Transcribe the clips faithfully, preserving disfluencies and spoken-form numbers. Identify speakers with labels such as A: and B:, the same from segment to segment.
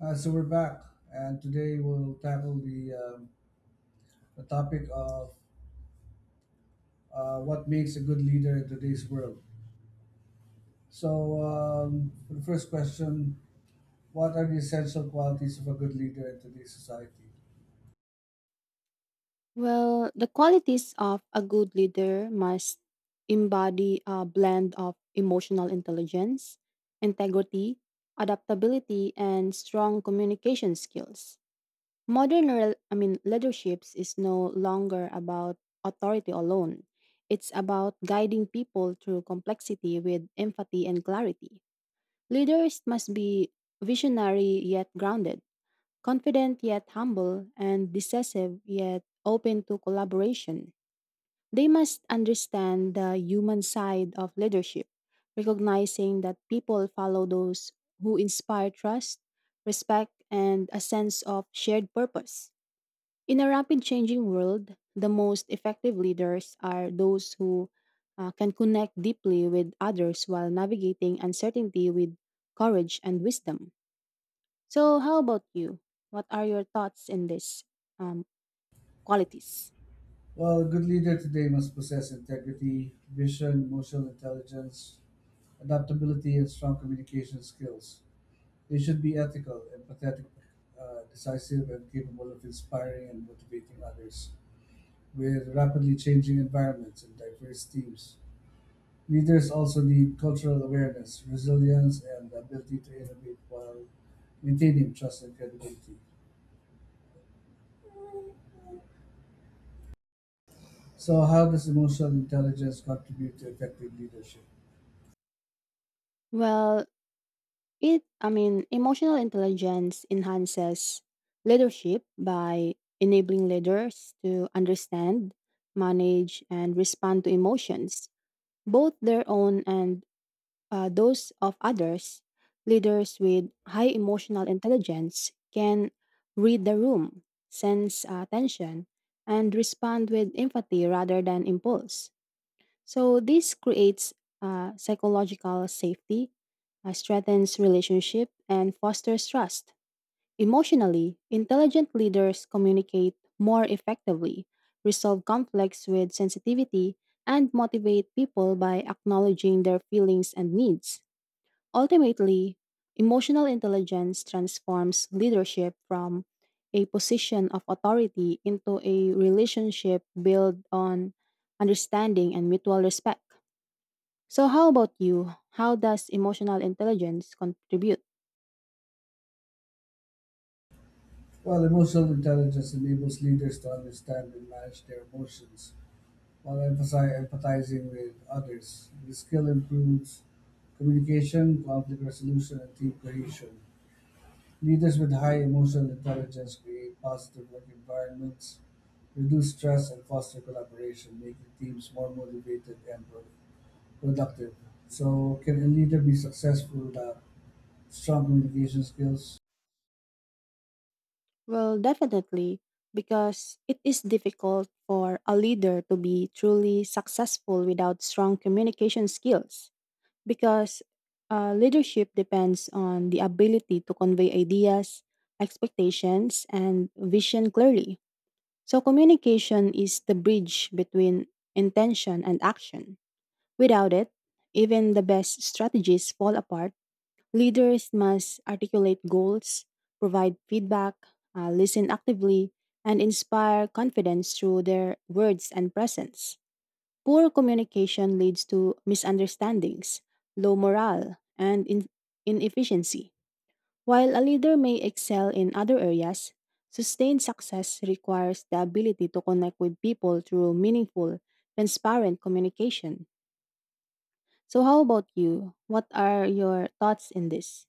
A: Uh, so we're back, and today we'll tackle the, um, the topic of uh, what makes a good leader in today's world. So, um, for the first question, what are the essential qualities of a good leader in today's society?
B: Well, the qualities of a good leader must embody a blend of emotional intelligence, integrity, adaptability, and strong communication skills. Modern rel- I mean leaderships is no longer about authority alone. It's about guiding people through complexity with empathy and clarity. Leaders must be visionary yet grounded, confident yet humble, and decisive yet open to collaboration. They must understand the human side of leadership, recognizing that people follow those who inspire trust, respect, and a sense of shared purpose. In a rapid changing world, the most effective leaders are those who uh, can connect deeply with others while navigating uncertainty with courage and wisdom. So, how about you? What are your thoughts in this um, qualities?
A: Well, a good leader today must possess integrity, vision, emotional intelligence, adaptability, and strong communication skills. They should be ethical, empathetic, uh, decisive, and capable of inspiring and motivating others. With rapidly changing environments and diverse teams. Leaders also need cultural awareness, resilience, and the ability to innovate while maintaining trust and credibility. So, how does emotional intelligence contribute to effective leadership?
B: Well, it I mean, emotional intelligence enhances leadership by enabling leaders to understand, manage, and respond to emotions, both their own and, uh, those of others. Leaders with high emotional intelligence can read the room, sense uh, tension, and respond with empathy rather than impulse. So this creates uh, psychological safety, uh, strengthens relationship, and fosters trust. Emotionally, intelligent leaders communicate more effectively, resolve conflicts with sensitivity, and motivate people by acknowledging their feelings and needs. Ultimately, emotional intelligence transforms leadership from a position of authority into a relationship built on understanding and mutual respect. So, how about you? How does emotional intelligence contribute?
A: Well, emotional intelligence enables leaders to understand and manage their emotions while emphasi- empathizing with others. The skill improves communication, conflict resolution, and team cohesion. Leaders with high emotional intelligence create positive work environments, reduce stress, and foster collaboration, making teams more motivated and pro- productive. So, can a leader be successful without strong communication skills?
B: Well, definitely, because it is difficult for a leader to be truly successful without strong communication skills, because uh, leadership depends on the ability to convey ideas, expectations, and vision clearly. So, communication is the bridge between intention and action. Without it, even the best strategies fall apart. Leaders must articulate goals, provide feedback, uh, listen actively, and inspire confidence through their words and presence. Poor communication leads to misunderstandings, low morale, and in- inefficiency. While a leader may excel in other areas, sustained success requires the ability to connect with people through meaningful, transparent communication. So, how about you? What are your thoughts in this?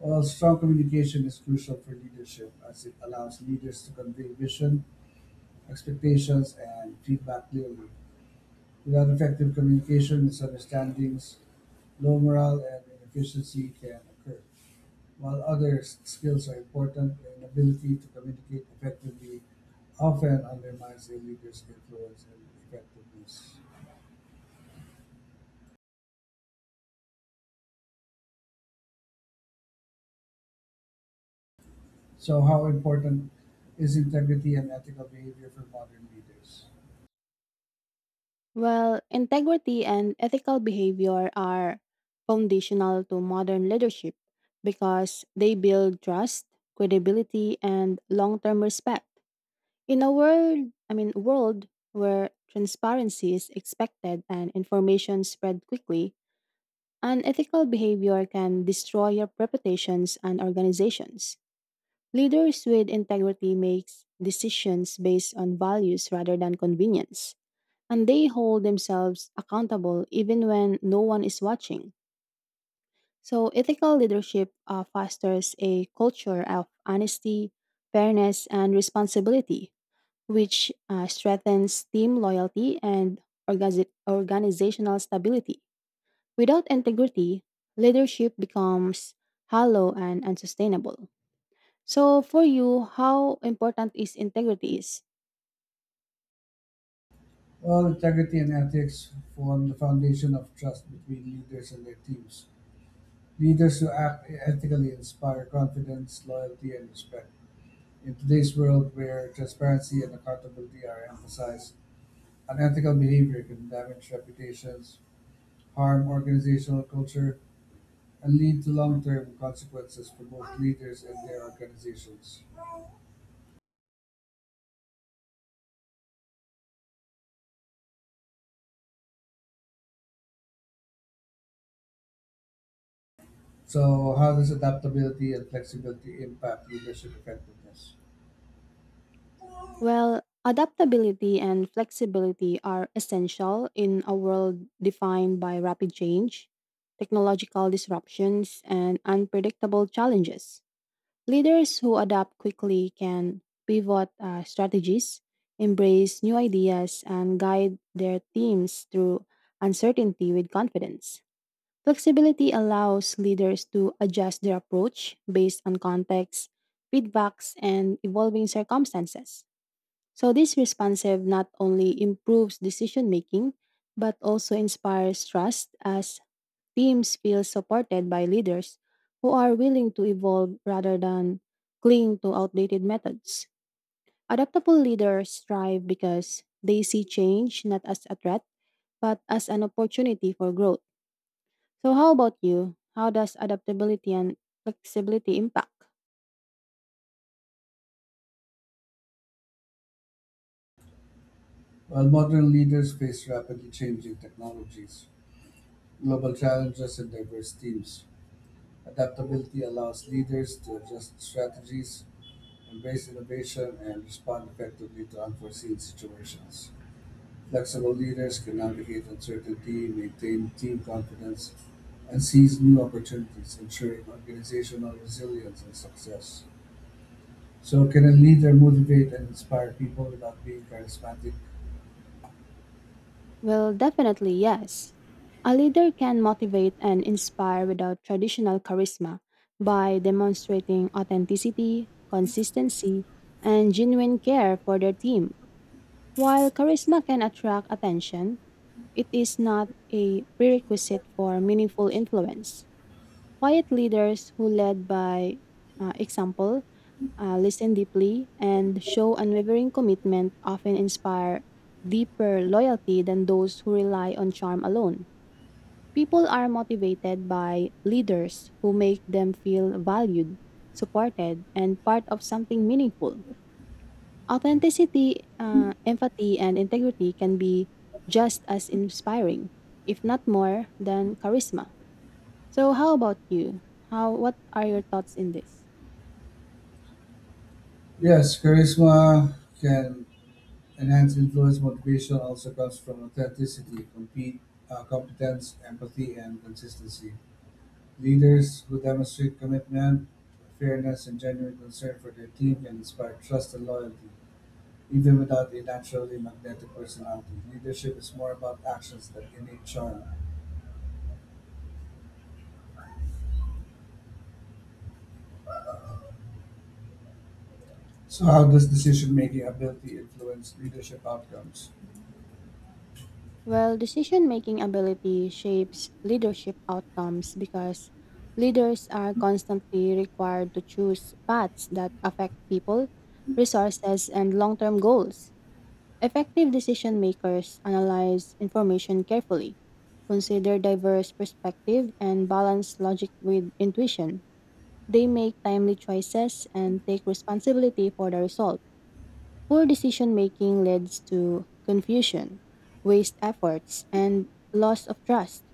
A: Well, strong communication is crucial for leadership as it allows leaders to convey vision, expectations, and feedback clearly. Without effective communication, misunderstandings, low morale, and inefficiency can occur. While other skills are important, an ability to communicate effectively often undermines a leader's influence and effectiveness. So, how important is integrity and ethical behavior for modern leaders?
B: Well, integrity and ethical behavior are foundational to modern leadership because they build trust, credibility, and long-term respect. In a world, I mean, world where transparency is expected and information spread quickly, unethical behavior can destroy your reputations and organizations. Leaders with integrity makes decisions based on values rather than convenience, and they hold themselves accountable even when no one is watching. So, ethical leadership uh, fosters a culture of honesty, fairness, and responsibility, which uh, strengthens team loyalty and organi- organizational stability. Without integrity, leadership becomes hollow and unsustainable. So, for you, how important is integrity is?
A: Well, integrity and ethics form the foundation of trust between leaders and their teams. Leaders who act ethically inspire confidence, loyalty, and respect. In today's world where transparency and accountability are emphasized, unethical behavior can damage reputations, harm organizational culture, and lead to long term consequences for both leaders and their organizations. So, how does adaptability and flexibility impact leadership effectiveness?
B: Well, adaptability and flexibility are essential in a world defined by rapid change, technological disruptions, and unpredictable challenges. Leaders who adapt quickly can pivot uh, strategies, embrace new ideas, and guide their teams through uncertainty with confidence. Flexibility allows leaders to adjust their approach based on context, feedbacks, and evolving circumstances. So this responsive not only improves decision making, but also inspires trust as teams feel supported by leaders who are willing to evolve rather than cling to outdated methods. Adaptable leaders thrive because they see change not as a threat, but as an opportunity for growth. So how about you? How does adaptability and flexibility impact?
A: While modern leaders face rapidly changing technologies, global challenges, and diverse teams, adaptability allows leaders to adjust strategies, embrace innovation, and respond effectively to unforeseen situations. Flexible leaders can navigate uncertainty, maintain team confidence, and seize new opportunities, ensuring organizational resilience and success. So, can a leader motivate and inspire people without being charismatic?
B: Well, definitely yes. A leader can motivate and inspire without traditional charisma by demonstrating authenticity, consistency, and genuine care for their team. While charisma can attract attention, it is not a prerequisite for meaningful influence. Quiet leaders who lead by, uh, example, uh, listen deeply, and show unwavering commitment often inspire deeper loyalty than those who rely on charm alone. People are motivated by leaders who make them feel valued, supported, and part of something meaningful. Authenticity, uh, empathy, and integrity can be just as inspiring, if not more, than charisma. So, how about you? How? What are your thoughts in this?
A: Yes, charisma can enhance influence. Motivation also comes from authenticity, compete, uh, competence, empathy, and consistency. Leaders who demonstrate commitment, fairness, and genuine concern for their team can inspire trust and loyalty. Even without a naturally magnetic personality, leadership is more about actions than innate charm. So, how does decision-making ability influence leadership outcomes?
B: Well, decision making ability shapes leadership outcomes because leaders are constantly required to choose paths that affect people, resources, and long term goals. Effective decision makers analyze information carefully, consider diverse perspectives, and balance logic with intuition. They make timely choices and take responsibility for the result. Poor decision making leads to confusion, waste efforts, and loss of trust.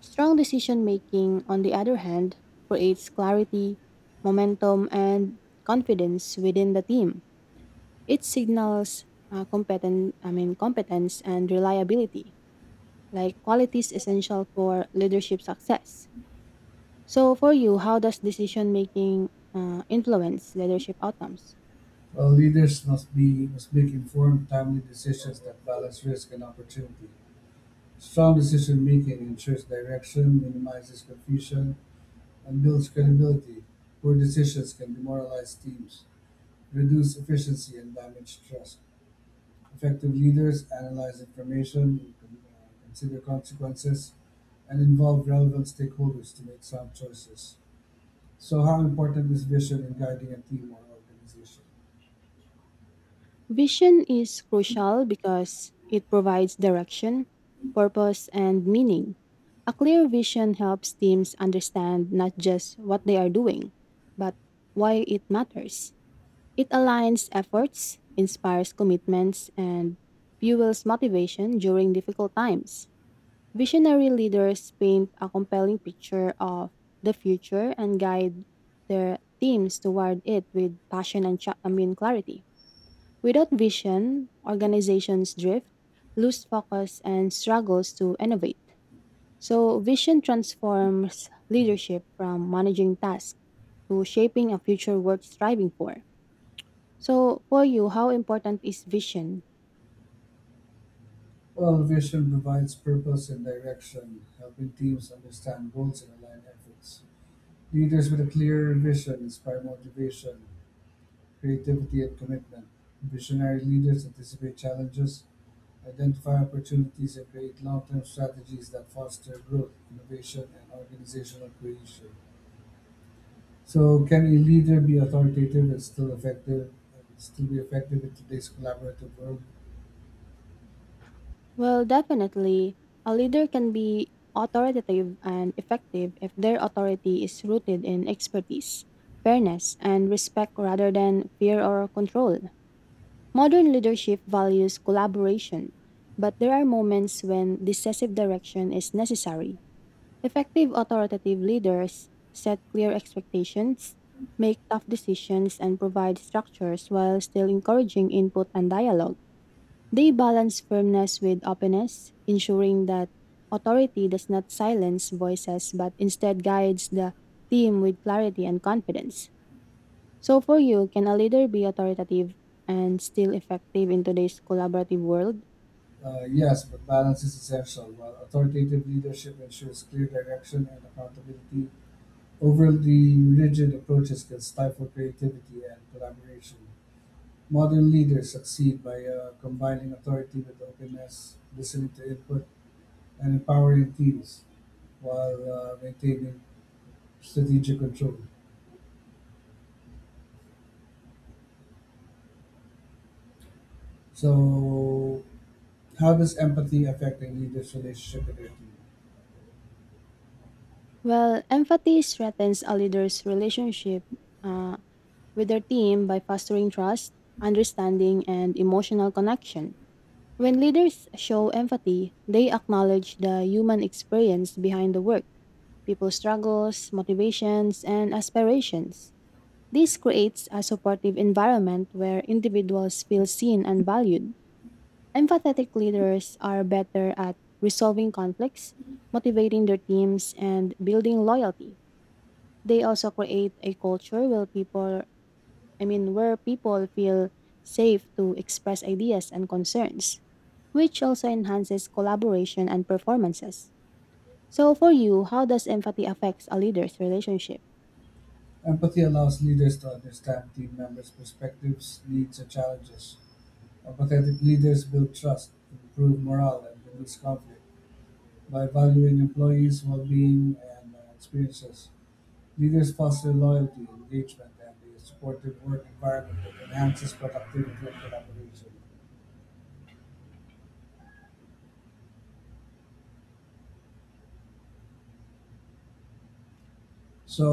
B: Strong decision making, on the other hand, creates clarity, momentum, and confidence within the team. It signals uh, competen- I mean, competence and reliability, like qualities essential for leadership success. So, for you, how does decision making uh, influence leadership outcomes?
A: Well, leaders must be must make informed, timely decisions that balance risk and opportunity. Strong decision-making ensures direction, minimizes confusion, and builds credibility. Poor decisions can demoralize teams, reduce efficiency, and damage trust. Effective leaders analyze information, con- uh, consider consequences, and involve relevant stakeholders to make sound choices. So, how important is vision in guiding a team or organization?
B: Vision is crucial because it provides direction, purpose, and meaning. A clear vision helps teams understand not just what they are doing, but why it matters. It aligns efforts, inspires commitments, and fuels motivation during difficult times. Visionary leaders paint a compelling picture of the future and guide their teams toward it with passion and cha- I mean clarity. Without vision, organizations drift, lose focus, and struggles to innovate. So, vision transforms leadership from managing tasks to shaping a future worth striving for. So, for you, how important is vision?
A: Well, vision provides purpose and direction, helping teams understand goals and align efforts. Leaders with a clear vision inspire motivation, creativity, and commitment. Visionary leaders anticipate challenges, identify opportunities, and create long-term strategies that foster growth, innovation, and organizational cohesion. So, can a leader be authoritative and still effective? And still be effective in today's collaborative world?
B: Well, definitely, a leader can be authoritative and effective if their authority is rooted in expertise, fairness, and respect rather than fear or control. Modern leadership values collaboration, but there are moments when decisive direction is necessary. Effective authoritative leaders set clear expectations, make tough decisions, and provide structures while still encouraging input and dialogue. They balance firmness with openness, ensuring that authority does not silence voices but instead guides the team with clarity and confidence. So, for you, can a leader be authoritative and still effective in today's collaborative world?
A: Uh, yes, but balance is essential. While authoritative leadership ensures clear direction and accountability, overly rigid approaches can stifle creativity and collaboration. Modern leaders succeed by uh, combining authority with openness, listening to input, and empowering teams. While uh, maintaining strategic control. So, how does empathy affect a leader's relationship with their team?
B: Well, empathy strengthens a leader's relationship uh, with their team by fostering trust, understanding, and emotional connection. When leaders show empathy, they acknowledge the human experience behind the work, people's struggles, motivations, and aspirations. This creates a supportive environment where individuals feel seen and valued. Empathetic leaders are better at resolving conflicts, motivating their teams, and building loyalty. They also create a culture where people, I mean, where people feel safe to express ideas and concerns, which also enhances collaboration and performances. So, for you, how does empathy affect a leader's relationship?
A: Empathy allows leaders to understand team members' perspectives, needs, and challenges. Empathetic leaders build trust, improve morale, and reduce conflict. By valuing employees' well being and uh, experiences, leaders foster loyalty, engagement, and a supportive work environment that enhances productivity and collaboration. So,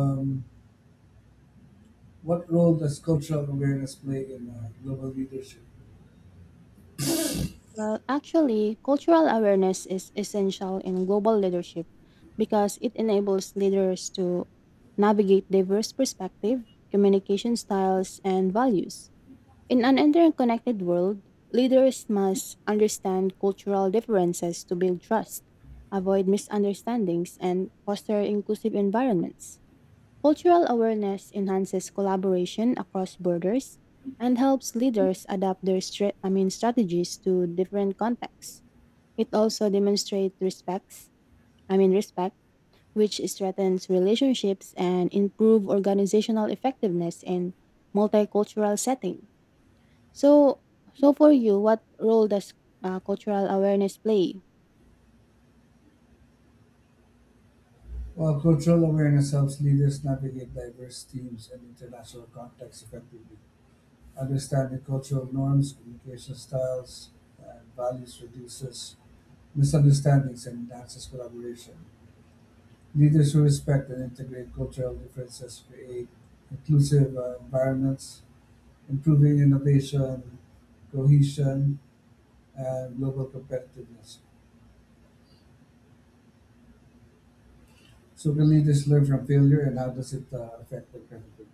A: um, what role does cultural awareness play in uh, global leadership?
B: Well, actually, cultural awareness is essential in global leadership because it enables leaders to navigate diverse perspectives, communication styles, and values. In an interconnected world, leaders must understand cultural differences to build trust, avoid misunderstandings, and foster inclusive environments. Cultural awareness enhances collaboration across borders and helps leaders adapt their stra- I mean strategies to different contexts. It also demonstrates respects, I mean respect, which strengthens relationships and improve organizational effectiveness in multicultural setting. So, so for you, what role does uh, cultural awareness play?
A: Well, cultural awareness helps leaders navigate diverse teams and international contexts effectively. Understanding cultural norms, communication styles, and values reduces misunderstandings and enhances collaboration. Leaders who respect and integrate cultural differences create inclusive uh, environments, improving innovation, cohesion, and global competitiveness. So, can leaders learn from failure, and how does it uh, affect their credibility?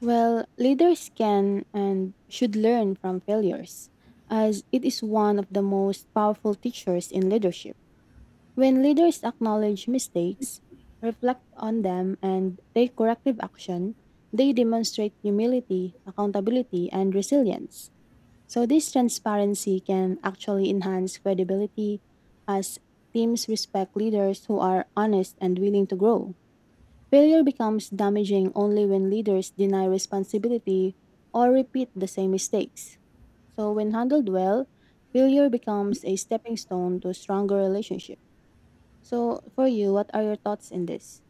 B: Well, leaders can and should learn from failures, as it is one of the most powerful teachers in leadership. When leaders acknowledge mistakes, reflect on them, and take corrective action, they demonstrate humility, accountability, and resilience. So, this transparency can actually enhance credibility as teams respect leaders who are honest and willing to grow. Failure becomes damaging only when leaders deny responsibility or repeat the same mistakes. So, when handled well, failure becomes a stepping stone to stronger relationship. So, for you, what are your thoughts in this?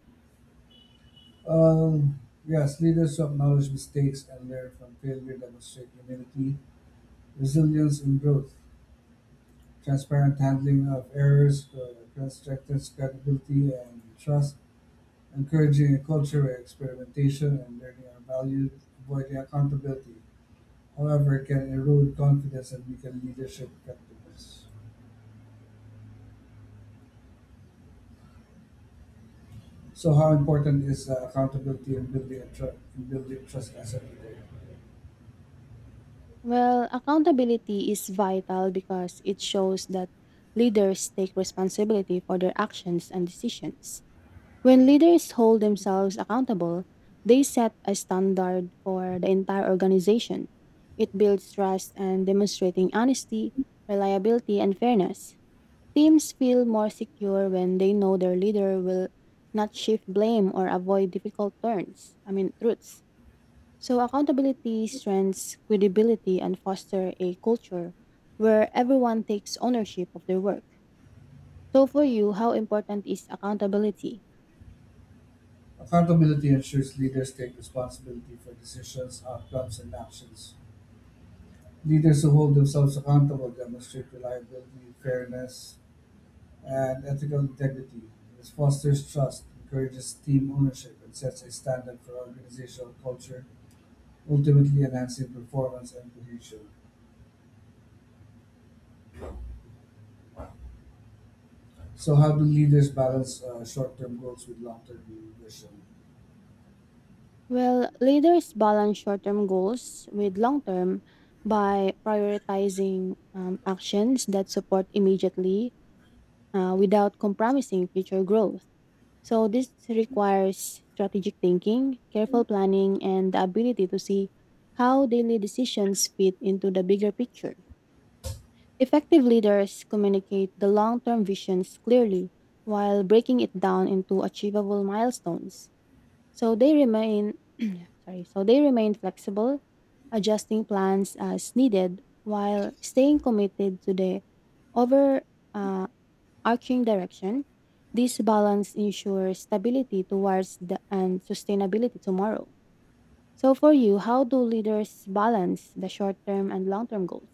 A: Um, yes, leaders who acknowledge mistakes and learn from failure demonstrate humility, resilience, and growth. Transparent handling of errors uh, strengthens credibility and trust. Encouraging a culture where experimentation and learning are valued, avoiding accountability, however, can erode confidence and weaken leadership effectiveness. So, how important is uh, accountability in building a tru- in building trust as a leader?
B: Well, accountability is vital because it shows that leaders take responsibility for their actions and decisions. When leaders hold themselves accountable, they set a standard for the entire organization. It builds trust and demonstrating honesty, reliability, and fairness. Teams feel more secure when they know their leader will not shift blame or avoid difficult turns, I mean, truths. So, accountability strengthens credibility and foster a culture where everyone takes ownership of their work. So, for you, how important is accountability?
A: Accountability ensures leaders take responsibility for decisions, outcomes, and actions. Leaders who hold themselves accountable demonstrate reliability, fairness, and ethical integrity. This fosters trust, encourages team ownership, and sets a standard for organizational culture, ultimately enhancing performance and cohesion. So, how do leaders balance uh, short-term goals with long-term vision?
B: Well, leaders balance short term goals with long term by prioritizing um, actions that support immediately uh, without compromising future growth. So, this requires strategic thinking, careful planning, and the ability to see how daily decisions fit into the bigger picture. Effective leaders communicate the long term visions clearly while breaking it down into achievable milestones. So they remain sorry, so they remain flexible, adjusting plans as needed while staying committed to the over uh, arching direction. This balance ensures stability towards the and sustainability tomorrow. So for you, how do leaders balance the short-term and long-term goals?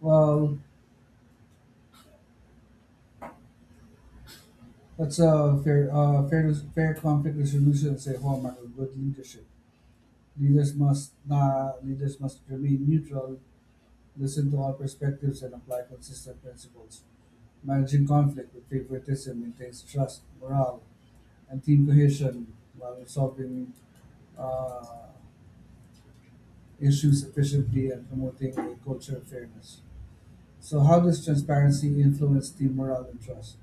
A: Well, that's a fair, uh, fair, fair conflict resolution is a hallmark of good leadership. Leaders must na leaders must remain neutral, listen to all perspectives, and apply consistent principles. Managing conflict with favoritism maintains trust, morale, and team cohesion while resolving uh, issues efficiently and promoting a culture of fairness. So, how does transparency influence team morale and trust?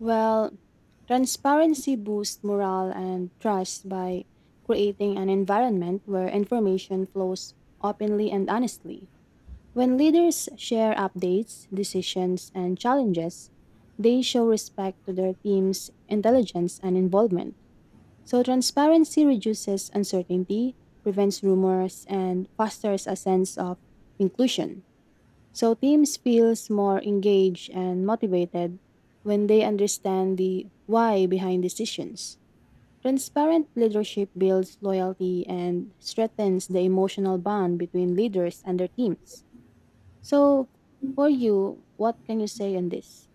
B: Well, transparency boosts morale and trust by creating an environment where information flows openly and honestly. When leaders share updates, decisions, and challenges, they show respect to their team's intelligence and involvement. So, transparency reduces uncertainty, prevents rumors, and fosters a sense of inclusion. So, teams feels more engaged and motivated when they understand the why behind decisions. Transparent leadership builds loyalty and strengthens the emotional bond between leaders and their teams. So, for you, what can you say on this?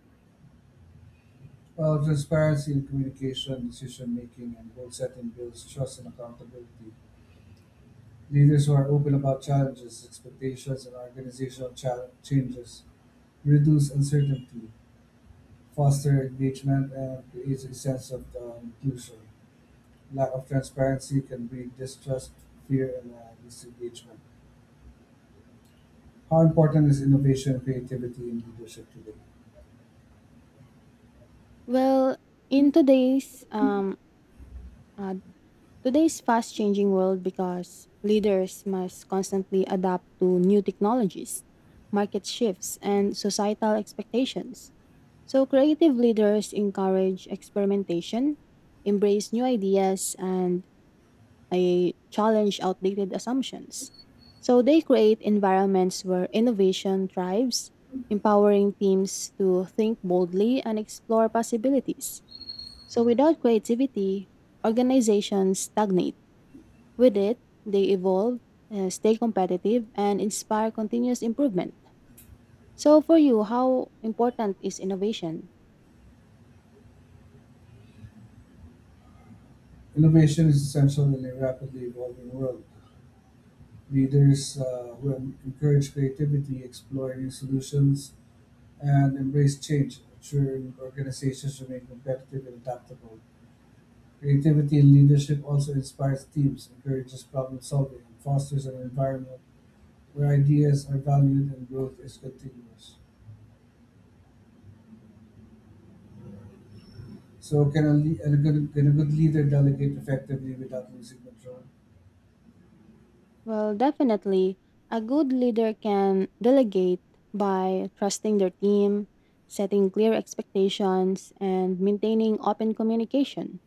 A: Well, transparency in communication, decision making, and goal setting builds trust and accountability. Leaders who are open about challenges, expectations, and organizational cha- changes reduce uncertainty, foster engagement, and create a sense of uh, inclusion. Lack of transparency can breed distrust, fear, and uh, disengagement. How important is innovation and creativity in leadership today?
B: Well, in today's um uh, today's fast-changing world, because leaders must constantly adapt to new technologies, market shifts, and societal expectations. So, creative leaders encourage experimentation, embrace new ideas, and I challenge outdated assumptions. So they create environments where innovation thrives, empowering teams to think boldly and explore possibilities. So without creativity, organizations stagnate. With it, they evolve, uh, stay competitive, and inspire continuous improvement. So for you, how important is innovation?
A: Innovation is essential in a rapidly evolving world. Leaders uh, who en- encourage creativity, explore new solutions, and embrace change, ensuring organizations remain competitive and adaptable. Creativity in leadership also inspires teams, encourages problem-solving, and fosters an environment where ideas are valued and growth is continuous. So, can a, le- a, good, can a good leader delegate effectively without losing control?
B: Well, definitely. A good leader can delegate by trusting their team, setting clear expectations, and maintaining open communication.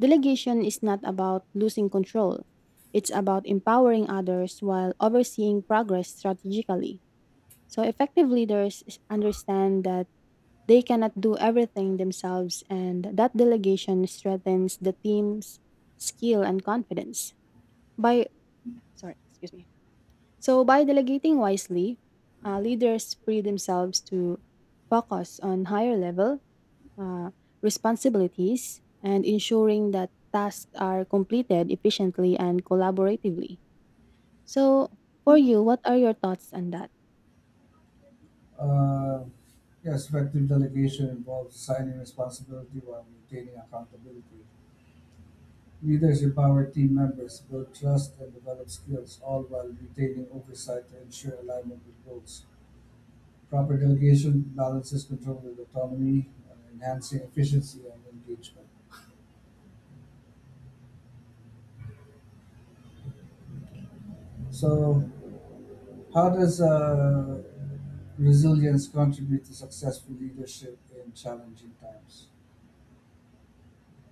B: Delegation is not about losing control, it's about empowering others while overseeing progress strategically. So, effective leaders s- understand that they cannot do everything themselves, and that delegation strengthens the team's skill and confidence. By, Sorry, excuse me. So, by delegating wisely, uh, leaders free themselves to focus on higher level uh, responsibilities and ensuring that tasks are completed efficiently and collaboratively. So, for you, what are your thoughts on that?
A: Uh, yes, effective delegation involves assigning responsibility while maintaining accountability. Leaders empower team members, build trust, and develop skills, all while retaining oversight to ensure alignment with goals. Proper delegation balances control with autonomy, uh, enhancing efficiency and engagement. So, how does uh, resilience contribute to successful leadership in challenging times?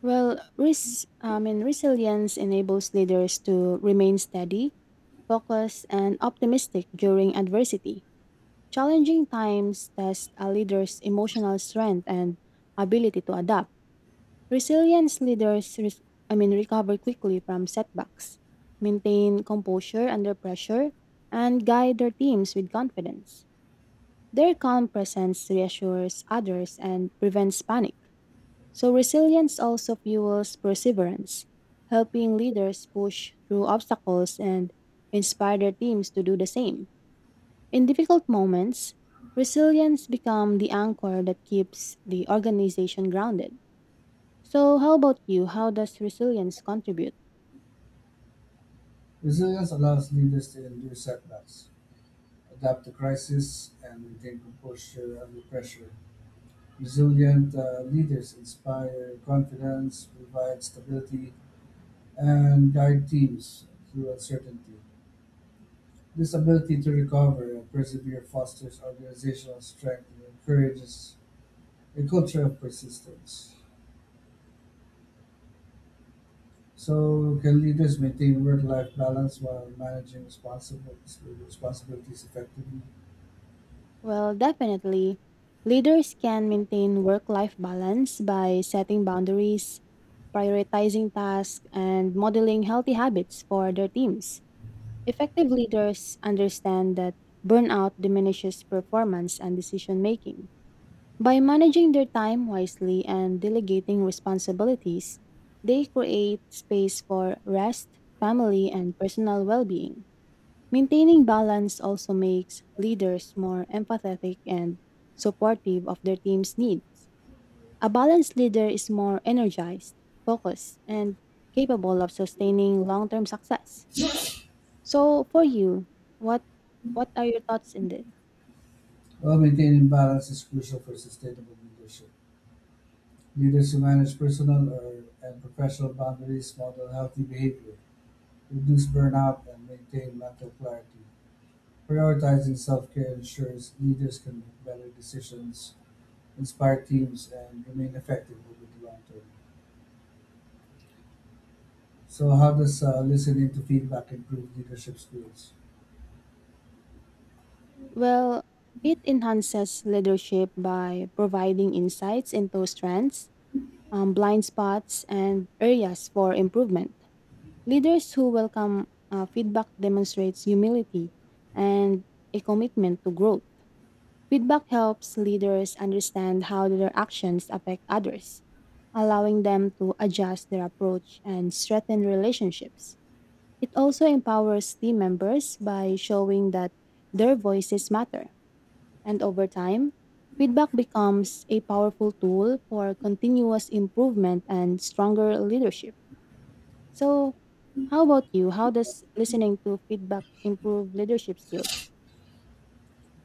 B: Well, res- I mean, resilience enables leaders to remain steady, focused, and optimistic during adversity. Challenging times test a leader's emotional strength and ability to adapt. Resilience leaders, res- I mean, recover quickly from setbacks, maintain composure under pressure, and guide their teams with confidence. Their calm presence reassures others and prevents panic. So, resilience also fuels perseverance, helping leaders push through obstacles and inspire their teams to do the same. In difficult moments, resilience becomes the anchor that keeps the organization grounded. So, how about you? How does resilience contribute?
A: Resilience allows leaders to endure setbacks, adapt to crisis, and maintain composure under pressure. Resilient uh, leaders inspire confidence, provide stability, and guide teams through uncertainty. This ability to recover and persevere fosters organizational strength and encourages a culture of persistence. So, can leaders maintain work-life balance while managing responsibilities responsibilities effectively?
B: Well, definitely. Leaders can maintain work life balance by setting boundaries, prioritizing tasks, and modeling healthy habits for their teams. Effective leaders understand that burnout diminishes performance and decision making. By managing their time wisely and delegating responsibilities, they create space for rest, family, and personal well being. Maintaining balance also makes leaders more empathetic and supportive of their team's needs. A balanced leader is more energized, focused, and capable of sustaining long-term success. So, for you, what what are your thoughts in this?
A: Well, maintaining balance is crucial for sustainable leadership. Leaders who manage personal or, and professional boundaries model healthy behavior, reduce burnout, and maintain mental clarity. Prioritizing self-care ensures leaders can make better decisions, inspire teams, and remain effective over the long term. So, how does uh, listening to feedback improve leadership skills?
B: Well, it enhances leadership by providing insights into strengths, um, blind spots, and areas for improvement. Leaders who welcome uh, feedback demonstrates humility and a commitment to growth. Feedback helps leaders understand how their actions affect others, allowing them to adjust their approach and strengthen relationships. It also empowers team members by showing that their voices matter. And over time, feedback becomes a powerful tool for continuous improvement and stronger leadership. So, how about you? How does listening to feedback improve leadership skills?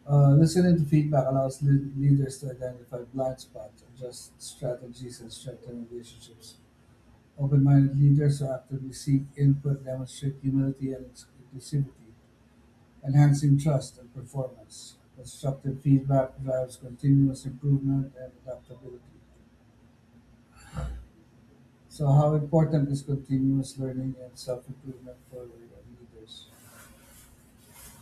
A: Uh, listening to feedback allows le- leaders to identify blind spots, adjust strategies, and strengthen relationships. Open minded leaders who actively seek input demonstrate humility and ex- inclusivity, enhancing trust and performance. Constructive feedback drives continuous improvement and adaptability. So how important is continuous learning and self-improvement for leaders?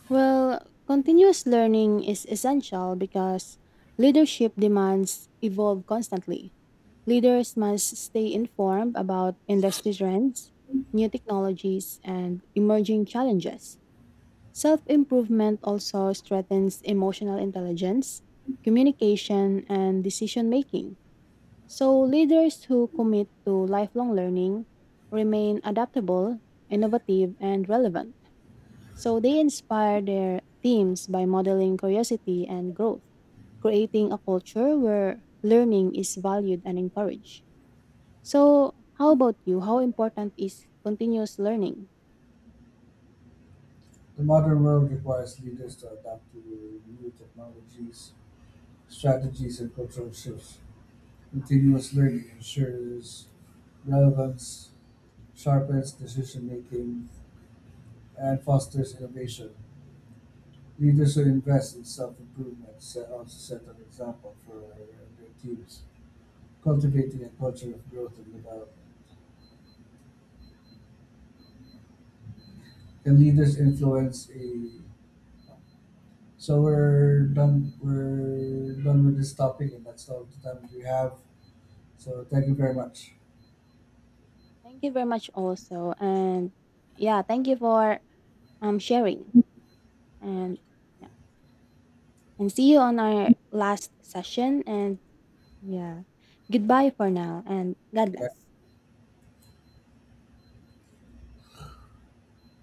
B: Well, continuous learning is essential because leadership demands evolve constantly. Leaders must stay informed about industry trends, new technologies, and emerging challenges. Self improvement also strengthens emotional intelligence, communication, and decision making. So, leaders who commit to lifelong learning remain adaptable, innovative, and relevant. So, they inspire their teams by modeling curiosity and growth, creating a culture where learning is valued and encouraged. So, how about you? How important is continuous learning?
A: The modern world requires leaders to adapt to new technologies, strategies, and cultural shifts. Continuous learning ensures relevance, sharpens decision making, and fosters innovation. Leaders who invest in self-improvement set- also set an example for their teams, cultivating a culture of growth and development. Can leaders influence a So we're done. We're done with this topic, and that's all the time we have. So thank you very much.
B: Yeah, thank you very much, also. And yeah, thank you for um, sharing. And, yeah, and see you on our last session. And yeah. Goodbye for now and God bless.